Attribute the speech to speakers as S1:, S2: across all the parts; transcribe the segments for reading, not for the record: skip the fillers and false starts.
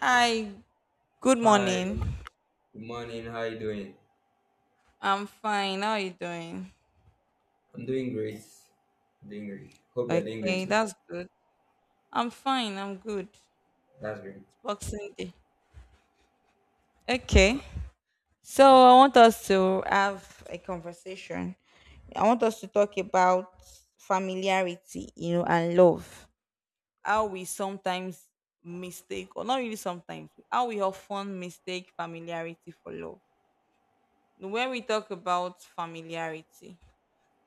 S1: Hi, good
S2: Hi,
S1: morning.
S2: good morning. How you doing?
S1: I'm fine. How are you doing?
S2: I'm doing great. I'm doing great. Hope you're doing great
S1: Okay,
S2: too.
S1: that's good. I'm fine. I'm good. It's
S2: That's great.
S1: Boxing Day. Okay. So I want us to have a conversation. I want us to talk about familiarity, and love, how we sometimes mistake, or not really sometimes, how we often mistake familiarity for love. When we talk about familiarity,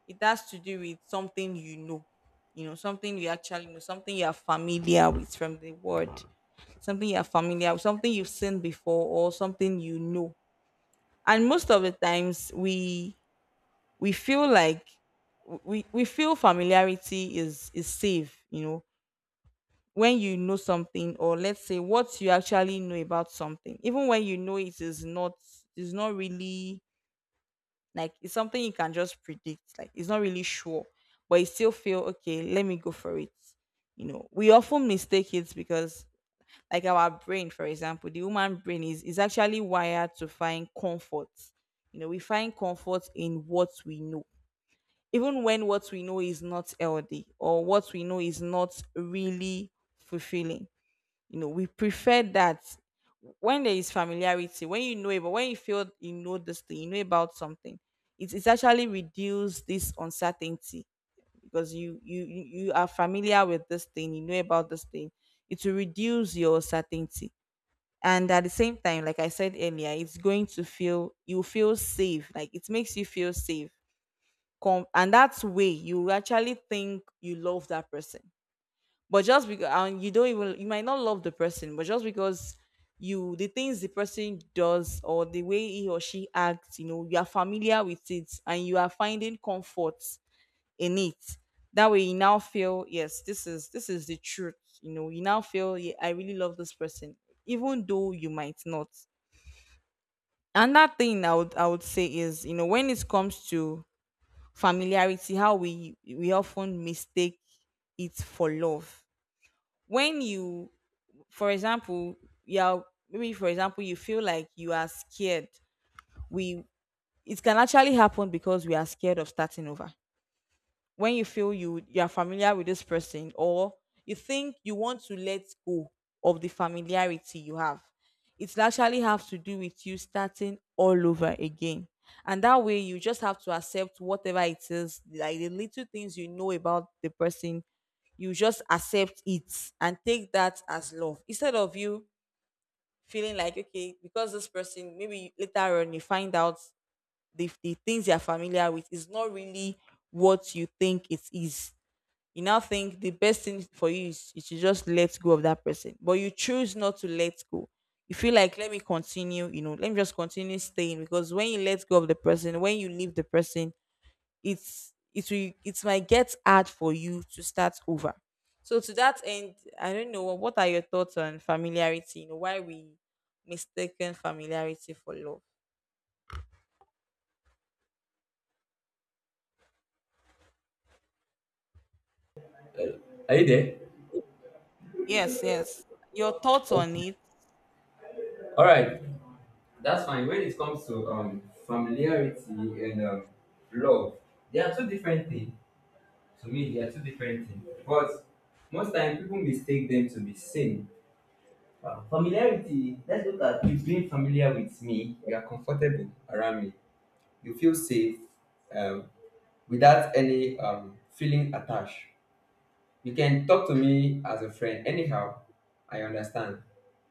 S1: it has to do with something you know, something you actually know, something you are familiar with from the word, something you are familiar with, something you've seen before, or something you know. And most of the times we feel like we feel familiarity is safe, when you know something, or let's say what you actually know about something, even when you know it is not really. Like it's something you can just predict. Like it's not really sure, but you still feel okay. Let me go for it. You know, we often mistake it because, like our brain, for example, the human brain is actually wired to find comfort. You know, we find comfort in what we know, even when what we know is not healthy, or what we know is not really fulfilling. We prefer that when there is familiarity, when you know it, but when you feel you know this thing, you know about something, it's actually reduce this uncertainty, because you are familiar with this thing, you know about this thing. It will reduce your certainty. And at the same time, like I said earlier, it's going to feel, you feel safe. Like it makes you feel safe. And that's way you actually think you love that person, but just because, and you don't even, you might not love the person, but just because you, the things the person does or the way he or she acts, you know, you are familiar with it and you are finding comfort in it. That way you now feel, yes, this is the truth. You know, you now feel, yeah, I really love this person, even though you might not. Another thing I would say is, you know, when it comes to familiarity, how we often mistake it for love. When you, for example, you're, maybe for example, you feel like you are scared. We, it can actually happen because we are scared of starting over. When you feel you are familiar with this person, or you think you want to let go of the familiarity you have, it actually have to do with you starting all over again. And that way you just have to accept whatever it is, like the little things you know about the person. You just accept it and take that as love. Instead of you feeling like, okay, because this person, maybe later on you find out the things you're familiar with is not really what you think it is, you now think the best thing for you is you should just let go of that person, but you choose not to let go. You feel like, let me continue, you know, let me just continue staying, because when you let go of the person, when you leave the person, it's it will it might get hard for you to start over. So to that end, I don't know, what are your thoughts on familiarity? You know, why we mistaken familiarity for love?
S2: Are you there?
S1: Yes, yes. Your thoughts on
S2: Okay.
S1: it.
S2: All right. That's fine. When it comes to familiarity and love, they are two different things. To me, they are two different things. But most time people mistake them to be same. Familiarity. Let's look at you being familiar with me. You are comfortable around me. You feel safe, um, without any feeling attached. You can talk to me as a friend. Anyhow, I understand.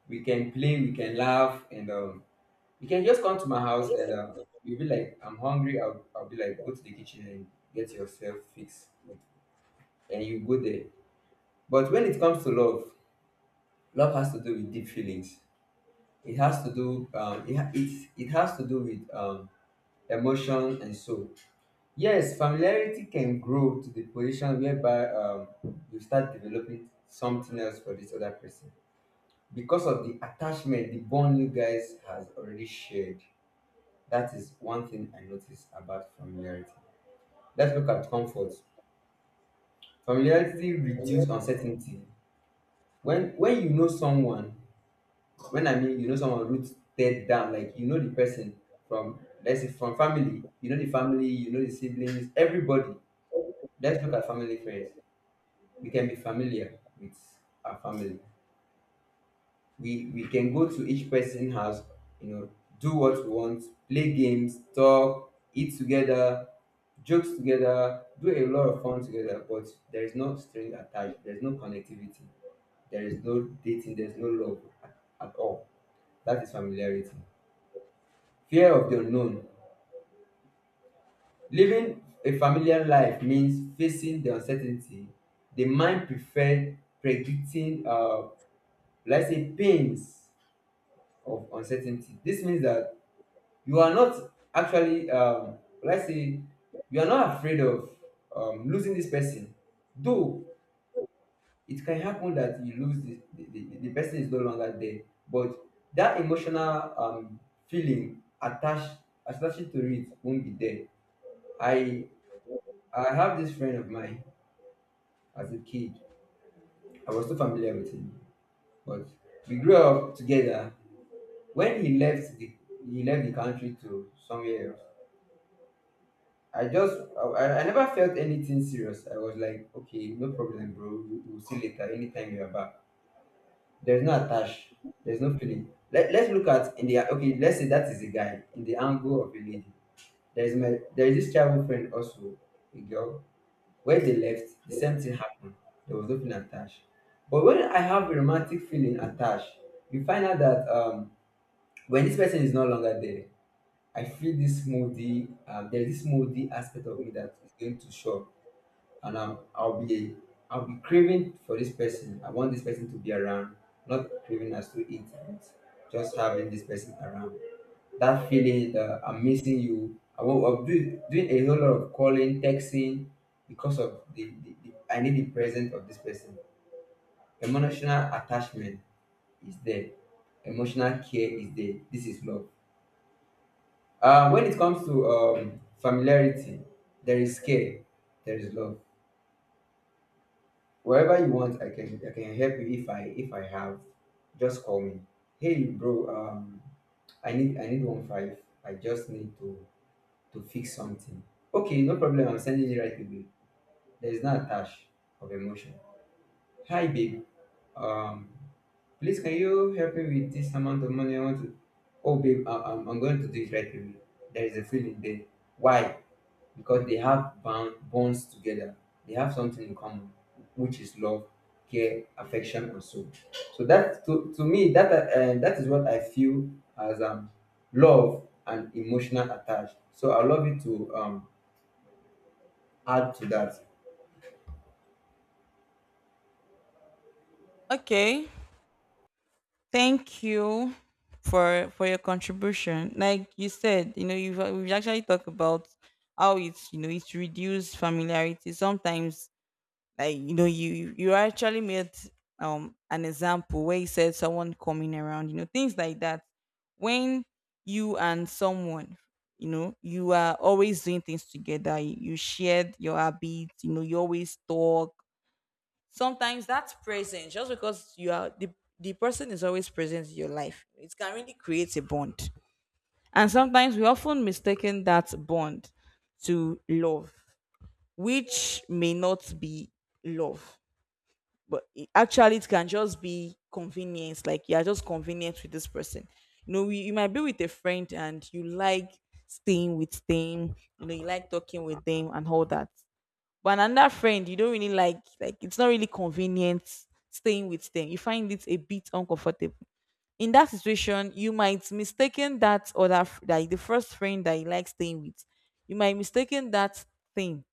S2: We can play, we can laugh, and you can just come to my house and you'll be like, I'm hungry. I'll be like, go to the kitchen and get yourself fixed. And you go there. But when it comes to love, love has to do with deep feelings. It has to do, it has to do with emotion and soul. Yes, familiarity can grow to the position whereby, you start developing something else for this other person, because of the attachment, the bond you guys has already shared. That is one thing I notice about familiarity. Let's look at comfort. Familiarity reduces uncertainty. When you know someone, when I mean you know someone rooted down, like you know the person from, let's say from family, you know the family, you know the siblings, everybody. Let's look at family first. We can be familiar with our family. We can go to each person's house, you know, do what we want, play games, talk, eat together, jokes together, do a lot of fun together. But there is no string attached, there's no connectivity, there is no dating, there's no love at all. That is familiarity. Fear of the unknown. Living a familiar life means facing the uncertainty. The mind prefer predicting, let's say, pains of uncertainty. This means that you are not actually, let's say, you are not afraid of, losing this person. Though it can happen that you lose the, the person is no longer there. But that emotional, feeling attached, attached to it won't be there. i I have this friend of mine. As a kid, I was so familiar with him. But we grew up together. When he left the, he left the country to somewhere else, I just, I never felt anything serious. I was like, okay, no problem, bro. We'll see later. Anytime you are back, there's no attach. There's no feeling. Let's look at in the okay. Let's say that is a guy in the angle of a lady. There is my, there is this childhood friend also, a girl. Where they left, the same thing happened. There was no feeling attached. But when I have a romantic feeling attached, you find out that, when this person is no longer there, I feel this moody. There's this moody aspect of me that is going to show up, and I'll be, I'll be craving for this person. I want this person to be around, not craving as to eat, but just having this person around. That feeling that I'm missing you. I'm doing, doing a whole lot of calling, texting, because of the I need the presence of this person. Emotional attachment is there. Emotional care is there. This is love. When it comes to familiarity, there is care, there is love. Wherever you want, I can help you. If I have, just call me. Hey bro, I need, I need one five. I just need to fix something. Okay, no problem, I'm sending it right away. There is no attach of emotion. Hi babe, um please can you help me with this amount of money? I want to, oh babe, I'm going to do it right away. There is a feeling there. Why? Because they have bound bonds together. They have something in common, which is love, care, affection, and so. So that, to me that, that is what I feel as, love and emotional attached. So I love you to, add to that.
S1: Okay. Thank you for your contribution. Like you said, you know, you've we've actually talked about how it's you know it's reduced familiarity. Sometimes, like, you actually made an example where you said someone coming around, things like that. When you and someone, you are always doing things together. You shared your habits, you always talk. Sometimes that's presence. Just because you are the person is always present in your life, it can really create a bond. And sometimes we often mistaken that bond to love, which may not be love. But actually it can just be convenience. Like you're just convenient with this person. You might be with a friend and you like staying with them. You like talking with them and all that. But another friend you don't really like, it's not really convenient staying with them. You find it a bit uncomfortable. In that situation, you might mistaken that other like the first friend that you like staying with. You might mistaken that thing,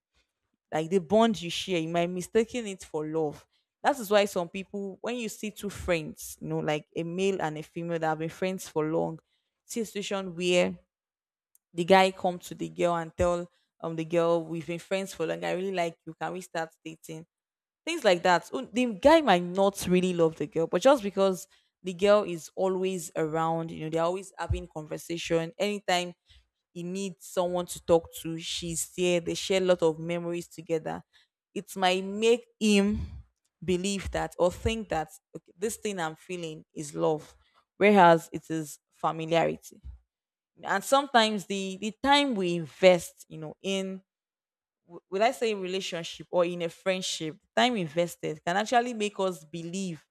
S1: like the bond you share. You might mistaken it for love. That is why some people, when you see two friends, like a male and a female that have been friends for long, see a situation where the guy come to the girl and tell, the girl, we've been friends for long, I really like you, can we start dating, things like that. Oh, the guy might not really love the girl, but just because the girl is always around, you know, they're always having conversation. Anytime he needs someone to talk to, she's there. They share a lot of memories together. It might make him believe that or think that, "Okay, this thing I'm feeling is love," whereas it is familiarity. And sometimes the time we invest, you know, in, would I say, in relationship or in a friendship, time invested can actually make us believe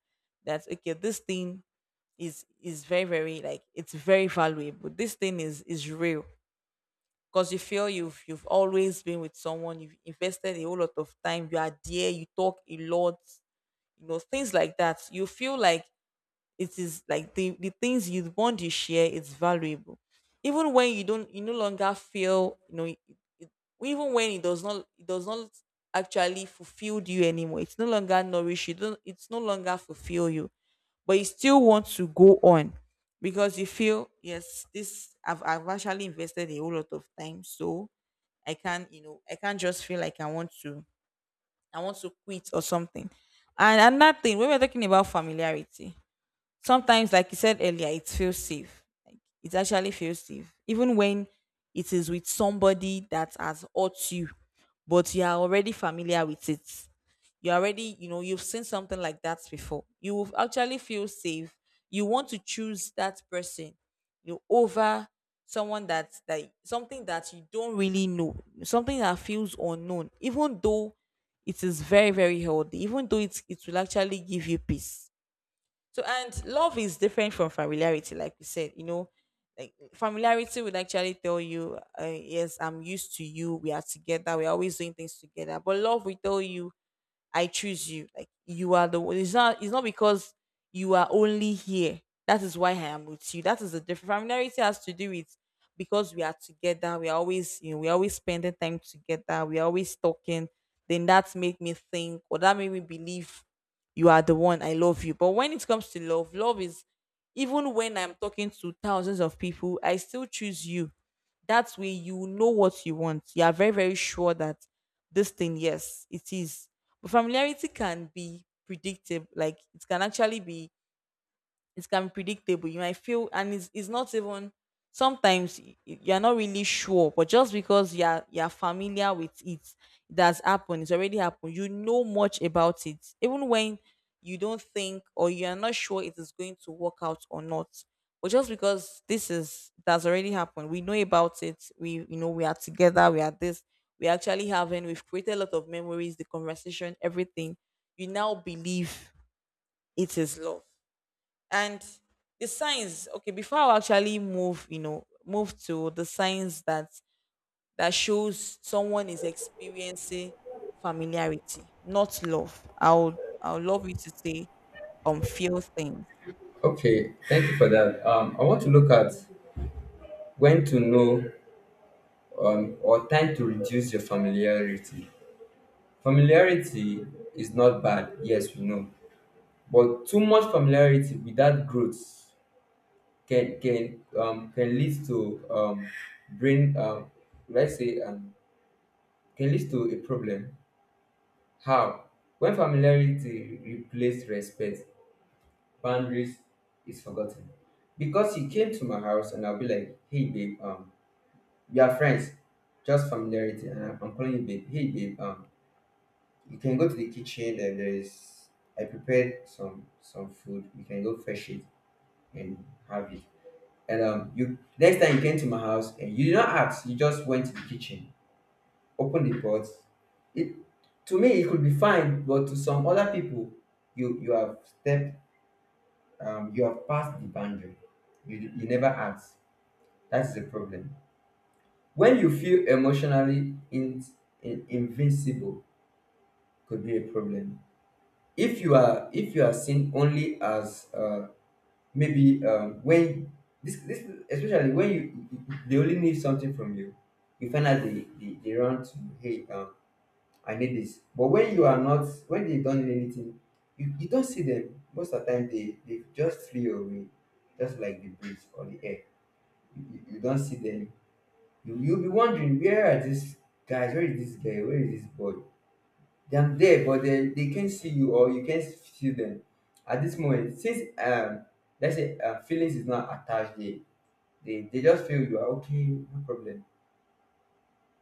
S1: that, okay, this thing is very, very, like, it's very valuable. This thing is real, because you feel you've always been with someone, you've invested a whole lot of time, you are there, you talk a lot, you know, things like that. You feel like it is like the things you want to share is valuable, even when you don't, you no longer feel, you know, it, even when it does not actually fulfill you anymore. It's no longer nourish. You don't, it's no longer fulfill you, but you still want to go on because you feel, yes, this I've actually invested a whole lot of time, so I can't just feel like I want to quit or something. And another thing, when we're talking about familiarity, sometimes, like you said earlier, it feels safe. Like it actually feels safe, even when it is with somebody that has hurt you, but you are already familiar with it. You already you know You've seen something like that before. You will actually feel safe. You want to choose that person, you know, over someone that something that you don't really know, something that feels unknown, even though it is very, very healthy, even though it will actually give you peace. So, and love is different from familiarity, like we said. You know, like familiarity would actually tell you, yes, I'm used to you. We are together. We're always doing things together. But love will tell you, I choose you. Like, you are the one. It's not. It's not because you are only here, that is why I am with you. That is the difference. Familiarity has to do with, because we are together, we are always spending time together. We are always talking. Then that made me think, or that made me believe, you are the one. I love you. But when it comes to love, love is, even when I'm talking to thousands of people, I still choose you. That way, you know what you want. You are very, very sure that this thing, yes, it is. But familiarity can be predictive. Like it can be predictable. You might feel, and it's not even sometimes, you're not really sure, but just because you're familiar with it, it has happened. It's already happened. You know much about it, even when you don't think or you're not sure it is going to work out or not. But just because this is that's already happened, we know about it. We you know we are together. We are this. We are actually having. We've created a lot of memories, the conversation, everything. You now believe it is love. And the signs okay, before I actually move, move to the signs that shows someone is experiencing familiarity, not love, I'll love you to say few things.
S2: Okay, thank you for that. I want to look at when to know, or time to reduce your familiarity. Familiarity is not bad, yes, we know, but too much familiarity without growth can lead to, brain let's say, can lead to a problem. How? When familiarity replaces respect, boundaries is forgotten. Because he came to my house and I'll be like, hey babe, we are friends, just familiarity, and I'm calling you babe. Hey babe, you can go to the kitchen and there is, I prepared some food. You can go fetch it and have it. And you, next time you came to my house and you did not ask, you just went to the kitchen, opened the pot. It, to me it could be fine, but to some other people, you have stepped, you have passed the boundary. You never asked. That is the problem. When you feel emotionally invincible, could be a problem. If you are seen only as, maybe, when this especially when you, they only need something from you, you find out they run to, hey, I need this. But when you are not, when they don't need anything, you don't see them. Most of the time they just flee away, just like the breeze or the air. You don't see them. You'll be wondering, where are these guys? Where is this guy? Where is this boy? They are there, but they can't see you or you can't see them at this moment. Since, let's say, feelings is not attached, they just feel you are okay, no problem.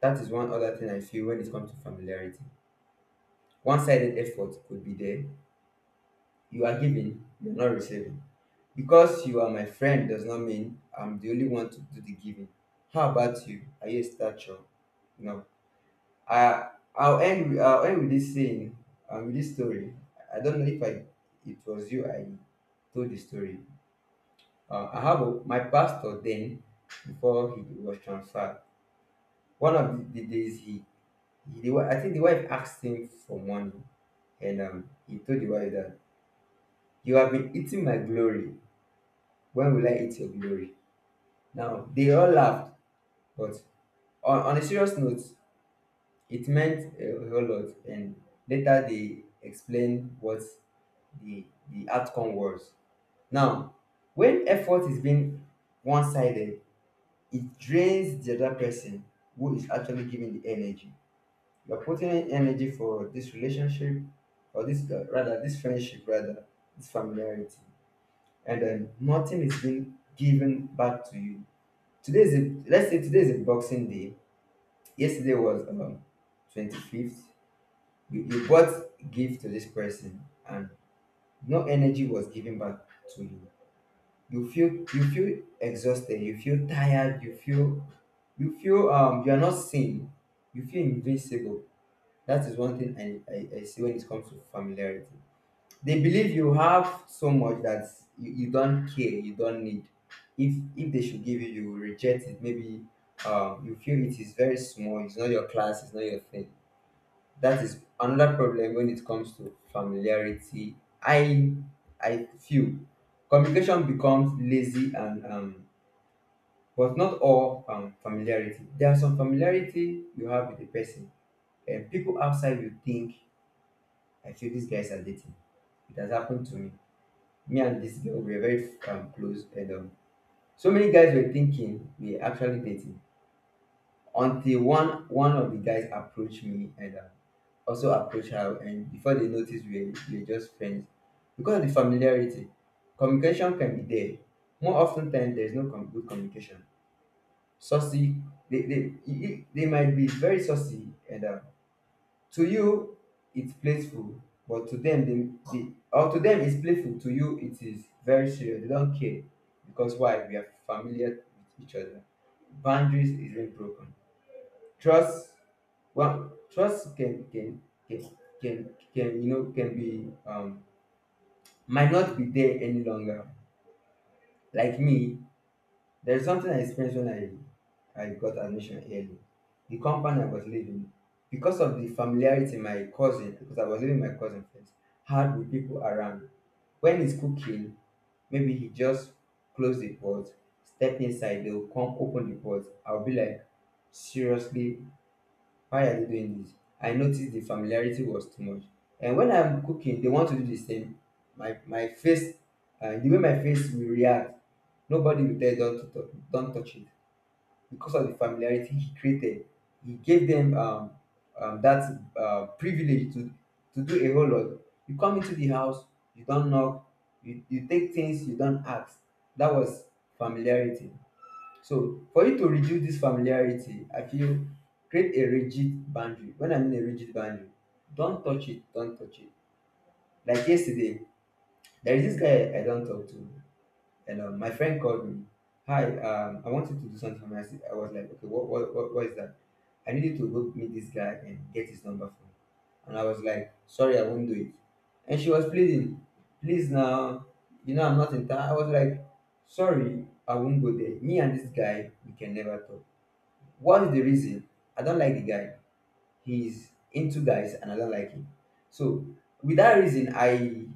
S2: That is one other thing I feel when it comes to familiarity. One-sided effort could be there. You are giving, you're not receiving. Because you are my friend does not mean I'm the only one to do the giving. How about you? Are you a stature? No. I'll end with- I'll end with this saying. With this story. I don't know if I. It was you. I told the story. I have a, my pastor then, before he was transferred. One of the days he the, wi- I think the wife asked him for money, and he told the wife that you have been eating my glory. When will I eat your glory? Now they all laughed, but on a serious note, it meant a whole lot, and later they explained what the outcome was. Now, when effort is being one-sided, it drains the other person who is actually giving the energy. You are putting in energy for this relationship, or this rather this friendship, rather this familiarity, and then nothing is being given back to you. Today is a, let's say today is a boxing day. Yesterday was, 25th. You bought gift to this person and no energy was given back to you. You feel exhausted, you feel tired, you feel, you are not seen, you feel invincible. That is one thing I see when it comes to familiarity. They believe you have so much that you don't care, you don't need. If they should give you, you will reject it. Maybe, you feel it is very small, it's not your class, it's not your thing. That is another problem when it comes to familiarity. i I feel communication becomes lazy, and but not all, familiarity. There are some familiarity you have with the person and people outside will think, I feel these guys are dating. It has happened to me. Me and this girl, we were very, close, and so many guys were thinking we are actually dating, until one of the guys approached me and, also approach her, and before they notice, we're just friends. Because of the familiarity, communication can be there more often than there's no good communication. Saucy, they might be very saucy, and to you it's playful, but to them they or to them it's playful, to you it is very serious, they don't care. Because why? We are familiar with each other. Boundaries is being broken. Trust, well, trust can can you know, can be, might not be there any longer. Like me, there's something I experienced when I got admission early. The compound I was living, because of the familiarity my cousin, because I was living with my cousin first, had with people around. When he's cooking, maybe he just close the pot, step inside, they'll come open the pot. I'll be like, seriously, why are they doing this? I noticed the familiarity was too much. And when I'm cooking, they want to do the same. My face, the way my face will react, nobody will tell don't to touch, don't touch it because of the familiarity he created. He gave them that privilege to do a whole lot. You come into the house, you don't knock, you take things you don't ask. That was familiarity. So for you to reduce this familiarity, I feel create a rigid boundary. When I mean a rigid boundary, don't touch it, don't touch it. Like yesterday, there is this guy I don't talk to, and my friend called me. Hi, I wanted to do something for me. I said- I was like, okay, what is that? I needed to go meet this guy and get his number from him. And I was like, sorry, I won't do it. And she was pleading, please now, you know I'm not in town. I was like, sorry, I won't go there. Me and this guy, we can never talk. What is the reason? I don't like the guy. He's into guys and I don't like him. So with that reason, I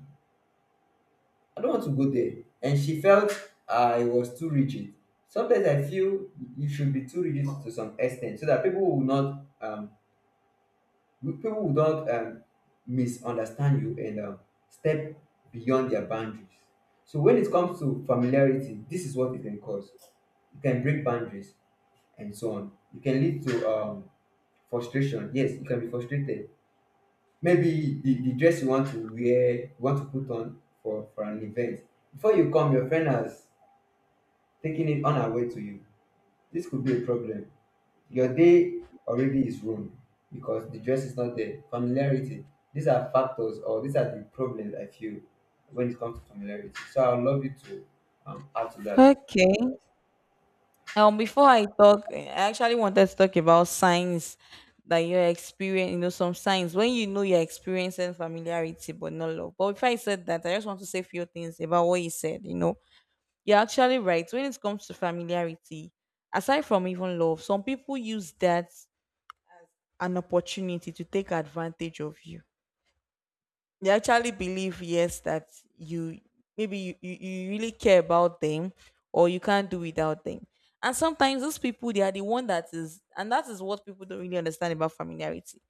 S2: I don't want to go there. And she felt I was too rigid. Sometimes I feel you should be too rigid to some extent so that people will not misunderstand you and step beyond their boundaries. So when it comes to familiarity, this is what it can cause. It can break boundaries and so on. It can lead to frustration. Yes, you can be frustrated. Maybe the dress you want to wear, you want to put on for an event. Before you come, your friend has taken it on her way to you. This could be a problem. Your day already is ruined because the dress is not there. Familiarity. These are factors or these are the problems I feel when it comes to familiarity. So I would love you to add to that.
S1: Okay. Before I talk, I actually wanted to talk about signs that you're experiencing, you know, some signs when you're experiencing familiarity but not love. But before I said that, I just want to say a few things about what you said. You're actually right. When it comes to familiarity, aside from even love, some people use that an opportunity to take advantage of you. They actually believe, yes, that you maybe you really care about them or you can't do without them. And sometimes those people, they are the one that is, and that is what people don't really understand about familiarity,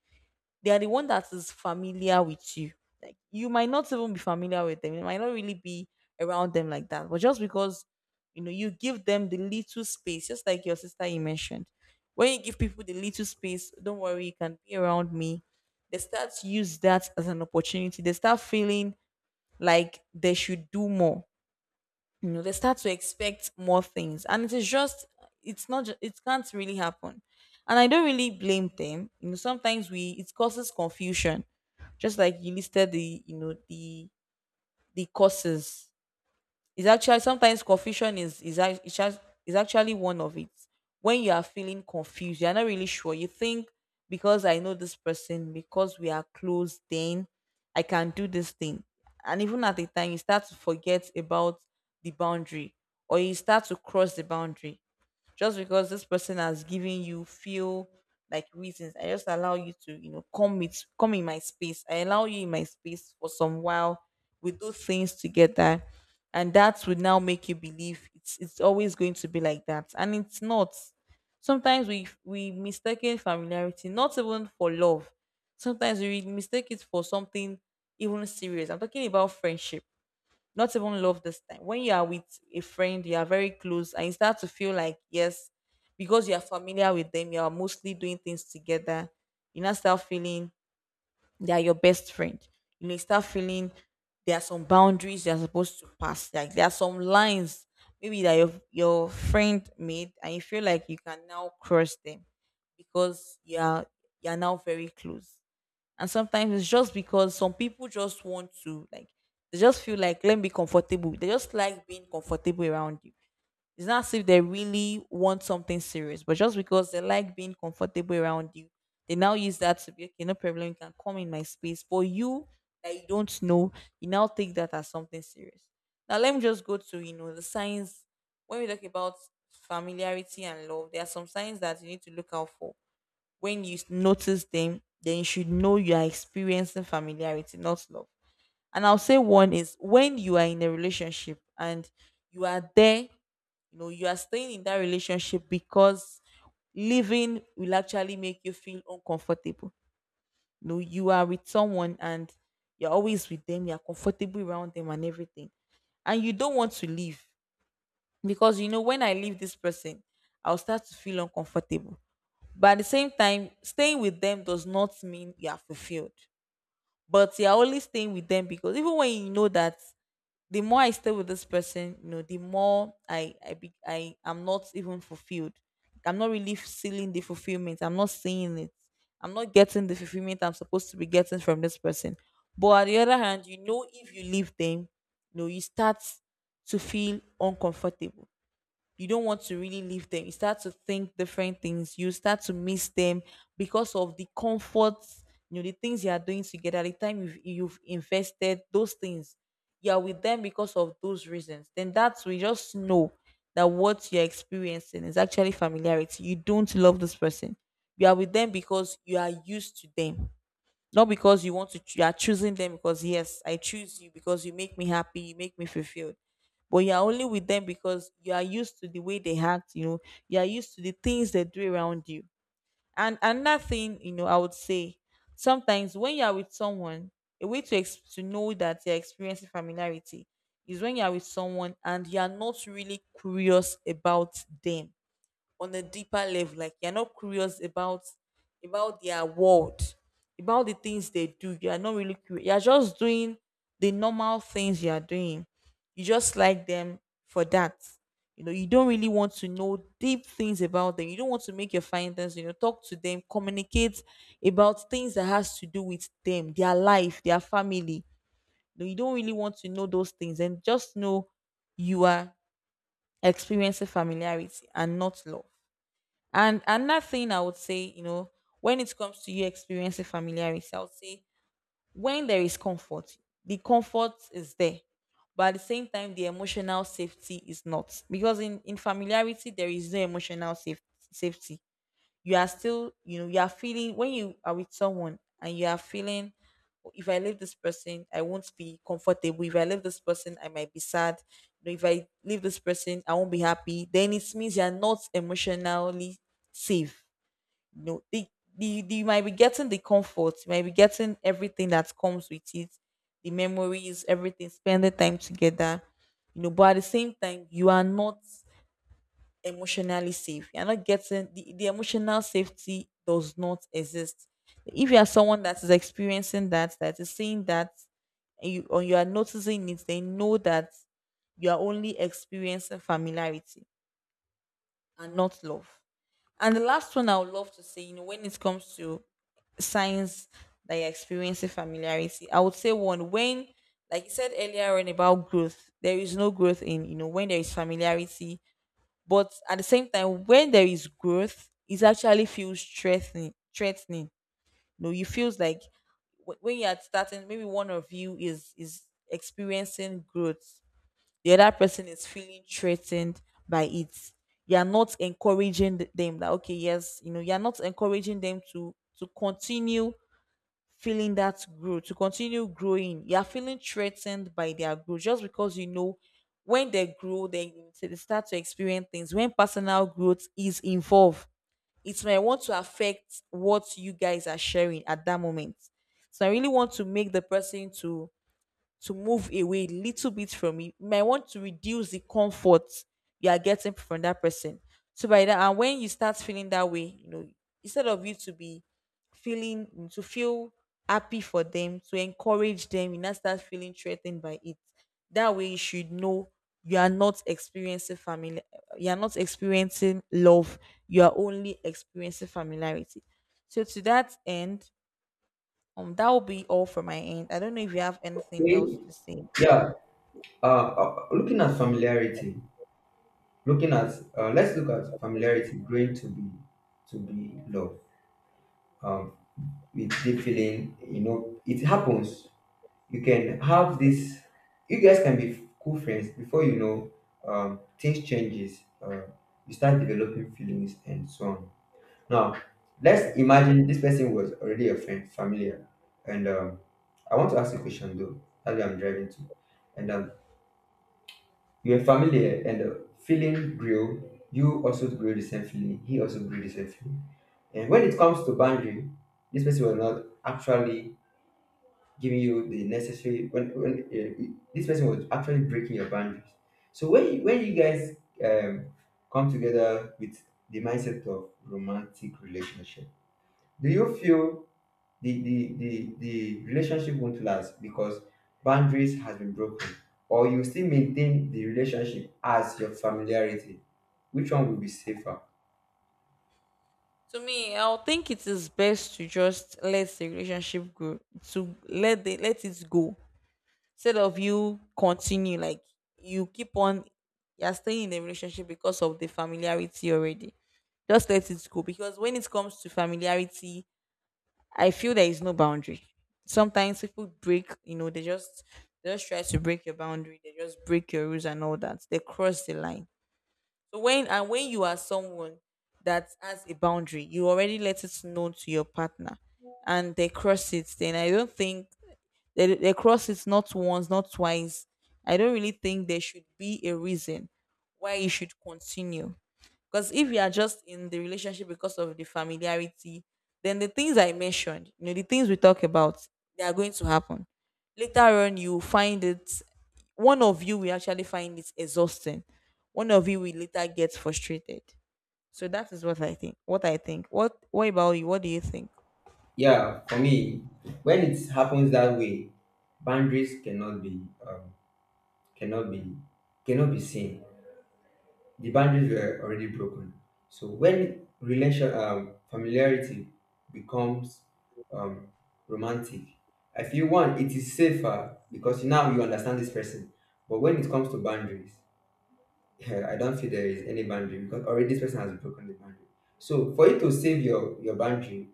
S1: they are the one that is familiar with you. Like you might not even be familiar with them. You might not really be around them like that. But just because you give them the little space, just like your sister you mentioned. When you give people the little space, don't worry, you can be around me. They start to use that as an opportunity. They start feeling like they should do more. They start to expect more things. And it is just, it's not ju- it can't really happen. And I don't really blame them. Sometimes we it causes confusion. Just like you listed the you know the causes, is actually, sometimes confusion is is actually one of it. When you are feeling confused, you're not really sure. You think, because I know this person, because we are close, then I can do this thing. And even at the time, you start to forget about the boundary or you start to cross the boundary just because this person has given you feel like reasons. I just allow you to, come with come in my space. I allow you in my space for some while, we do things together, and that would now make you believe it's always going to be like that, and it's not. Sometimes we mistaken familiarity not even for love. Sometimes we mistake it for something even serious. I'm talking about friendship, not even love this time. When you are with a friend, you are very close, and you start to feel like, yes, because you are familiar with them, you are mostly doing things together. You now start feeling they are your best friend. You may start feeling there are some boundaries you are supposed to pass. Like there are some lines, maybe that your friend made, and you feel like you can now cross them because you are, you are now very close. And sometimes it's just because some people just want to, like, they just feel like let me be comfortable. They just like being comfortable around you. It's not as if they really want something serious, but just because they like being comfortable around you, they now use that to be okay, no problem, you can come in my space. For you that you don't know, you now take that as something serious. Now let me just go to, the signs. When we talk about familiarity and love, there are some signs that you need to look out for. When you notice them, then you should know you are experiencing familiarity, not love. And I'll say one is when you are in a relationship and you are there, you are staying in that relationship because living will actually make you feel uncomfortable. You are with someone and you're always with them, you're comfortable around them and everything. And you don't want to leave because, you know, when I leave this person, I'll start to feel uncomfortable. But at the same time, staying with them does not mean you are fulfilled. But you are only staying with them because even when you know that the more I stay with this person, you know, the more I am not even fulfilled. I'm not really feeling the fulfillment. I'm not seeing it. I'm not getting the fulfillment I'm supposed to be getting from this person. But on the other hand, if you leave them, you start to feel uncomfortable. You don't want to really leave them. You start to think different things. You start to miss them because of the comforts, the things you are doing together, the time you've invested, those things. You are with them because of those reasons. Then that's, we just know that what you're experiencing is actually familiarity. You don't love this person. You are with them because you are used to them. Not because you want to, you are choosing them because, yes, I choose you because you make me happy, you make me fulfilled. But you are only with them because you are used to the way they act, you are used to the things they do around you. And another thing, I would say sometimes when you are with someone, a way to know that you're experiencing familiarity is when you are with someone and you are not really curious about them on a deeper level. Like you're not curious about their world, about the things they do. You are not really curious. You're just doing the normal things you are doing. You just like them for that. You don't really want to know deep things about them. You don't want to make your findings, talk to them, communicate about things that has to do with them, their life, their family. You don't really want to know those things and just know you are experiencing familiarity and not love. And another thing I would say, when it comes to you experiencing familiarity, I would say when there is comfort, the comfort is there. But at the same time, the emotional safety is not. Because in familiarity, there is no emotional safety. You are still, you are feeling, when you are with someone and you are feeling if I leave this person I won't be comfortable, if I leave this person I might be sad, if I leave this person I won't be happy, then it means you're not emotionally safe. you know the, the you might be getting the comfort, you might be getting everything that comes with it, the memories, everything, spending time together, but at the same time you are not emotionally safe. You're not getting the, emotional safety does not exist. If you are someone that is experiencing that, that is seeing that, and you, or you are noticing it, they know that you are only experiencing familiarity and not love. And the last one I would love to say, when it comes to signs that you're experiencing familiarity, I would say one when, like you said earlier on about growth, there is no growth in, when there is familiarity, but at the same time, when there is growth, it actually feels threatening. Threatening. You feels like, when you are starting, maybe one of you is experiencing growth, the other person is feeling threatened by it. You are not encouraging them that okay, yes, you are not encouraging them to continue feeling that growth, to continue growing. You are feeling threatened by their growth just because, you know, when they grow, then they start to experience things. When personal growth is involved, it might want to affect what you guys are sharing at that moment. So I really want to make the person to move away a little bit from it. You might want to reduce the comfort you are getting from that person. So by that, and when you start feeling that way, instead of you to be feeling, to feel happy for them, to encourage them, you now start feeling threatened by it. That way you should know you are not experiencing family, you are not experiencing love, you are only experiencing familiarity. So to that end, that will be all for my end. I don't know if you have anything
S2: Okay.
S1: else to say.
S2: Yeah. Looking at familiarity, Looking at, let's look at familiarity, growing to be love. Um, with deep feeling, you know, it happens. You can have this. You guys can be cool friends before you know. Things changes. You start developing feelings and so on. Now, let's imagine this person was already a friend, familiar, and I want to ask a question though. That's where I'm driving to, and you were familiar and the feeling grew. You also grew the same feeling. He also grew the same feeling. And when it comes to boundary, this person was not actually giving you the necessary. When this person was actually breaking your boundaries. So when you guys um, come together with the mindset of romantic relationship, do you feel the relationship won't last because boundaries has been broken, or you still maintain the relationship as your familiarity? Which one will be safer?
S1: To me, I'll think it is best to just let the relationship go, to let it go. Instead of you continue, like, you keep on, you're staying in the relationship because of the familiarity already. Just let it go, because when it comes to familiarity, I feel there is no boundary. Sometimes people break, they just try to break your boundary, they just break your rules and all that, they cross the line. So when you are someone that has a boundary, you already let it known to your partner, and they cross it. Then I don't think, they cross it, not once, not twice. I don't really think there should be a reason why you should continue. Because if you are just in the relationship because of the familiarity, then the things I mentioned, the things we talk about, they are going to happen. Later on, you find it, one of you will actually find it exhausting. One of you will later get frustrated. So that is what I think. What I think. What about you? What do you think?
S2: Yeah, for me, when it happens that way, boundaries cannot be um, cannot be cannot be seen. The boundaries were already broken. So when relation familiarity becomes um, romantic, I feel one it is safer because now you understand this person. But when it comes to boundaries, yeah, I don't feel there is any boundary because already this person has broken the boundary. So for you to save your boundary,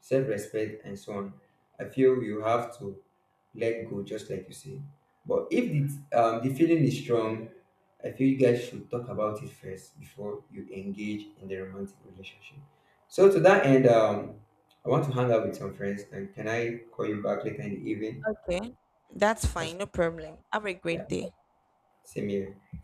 S2: self respect and so on, I feel you have to let go, just like you say. But if the the feeling is strong, I feel you guys should talk about it first before you engage in the romantic relationship. So to that end, I want to hang out with some friends, and can I call you back later in the evening?
S1: Okay. That's
S2: That's
S1: fine. No problem. Have a
S2: yeah,
S1: great day.
S2: same here.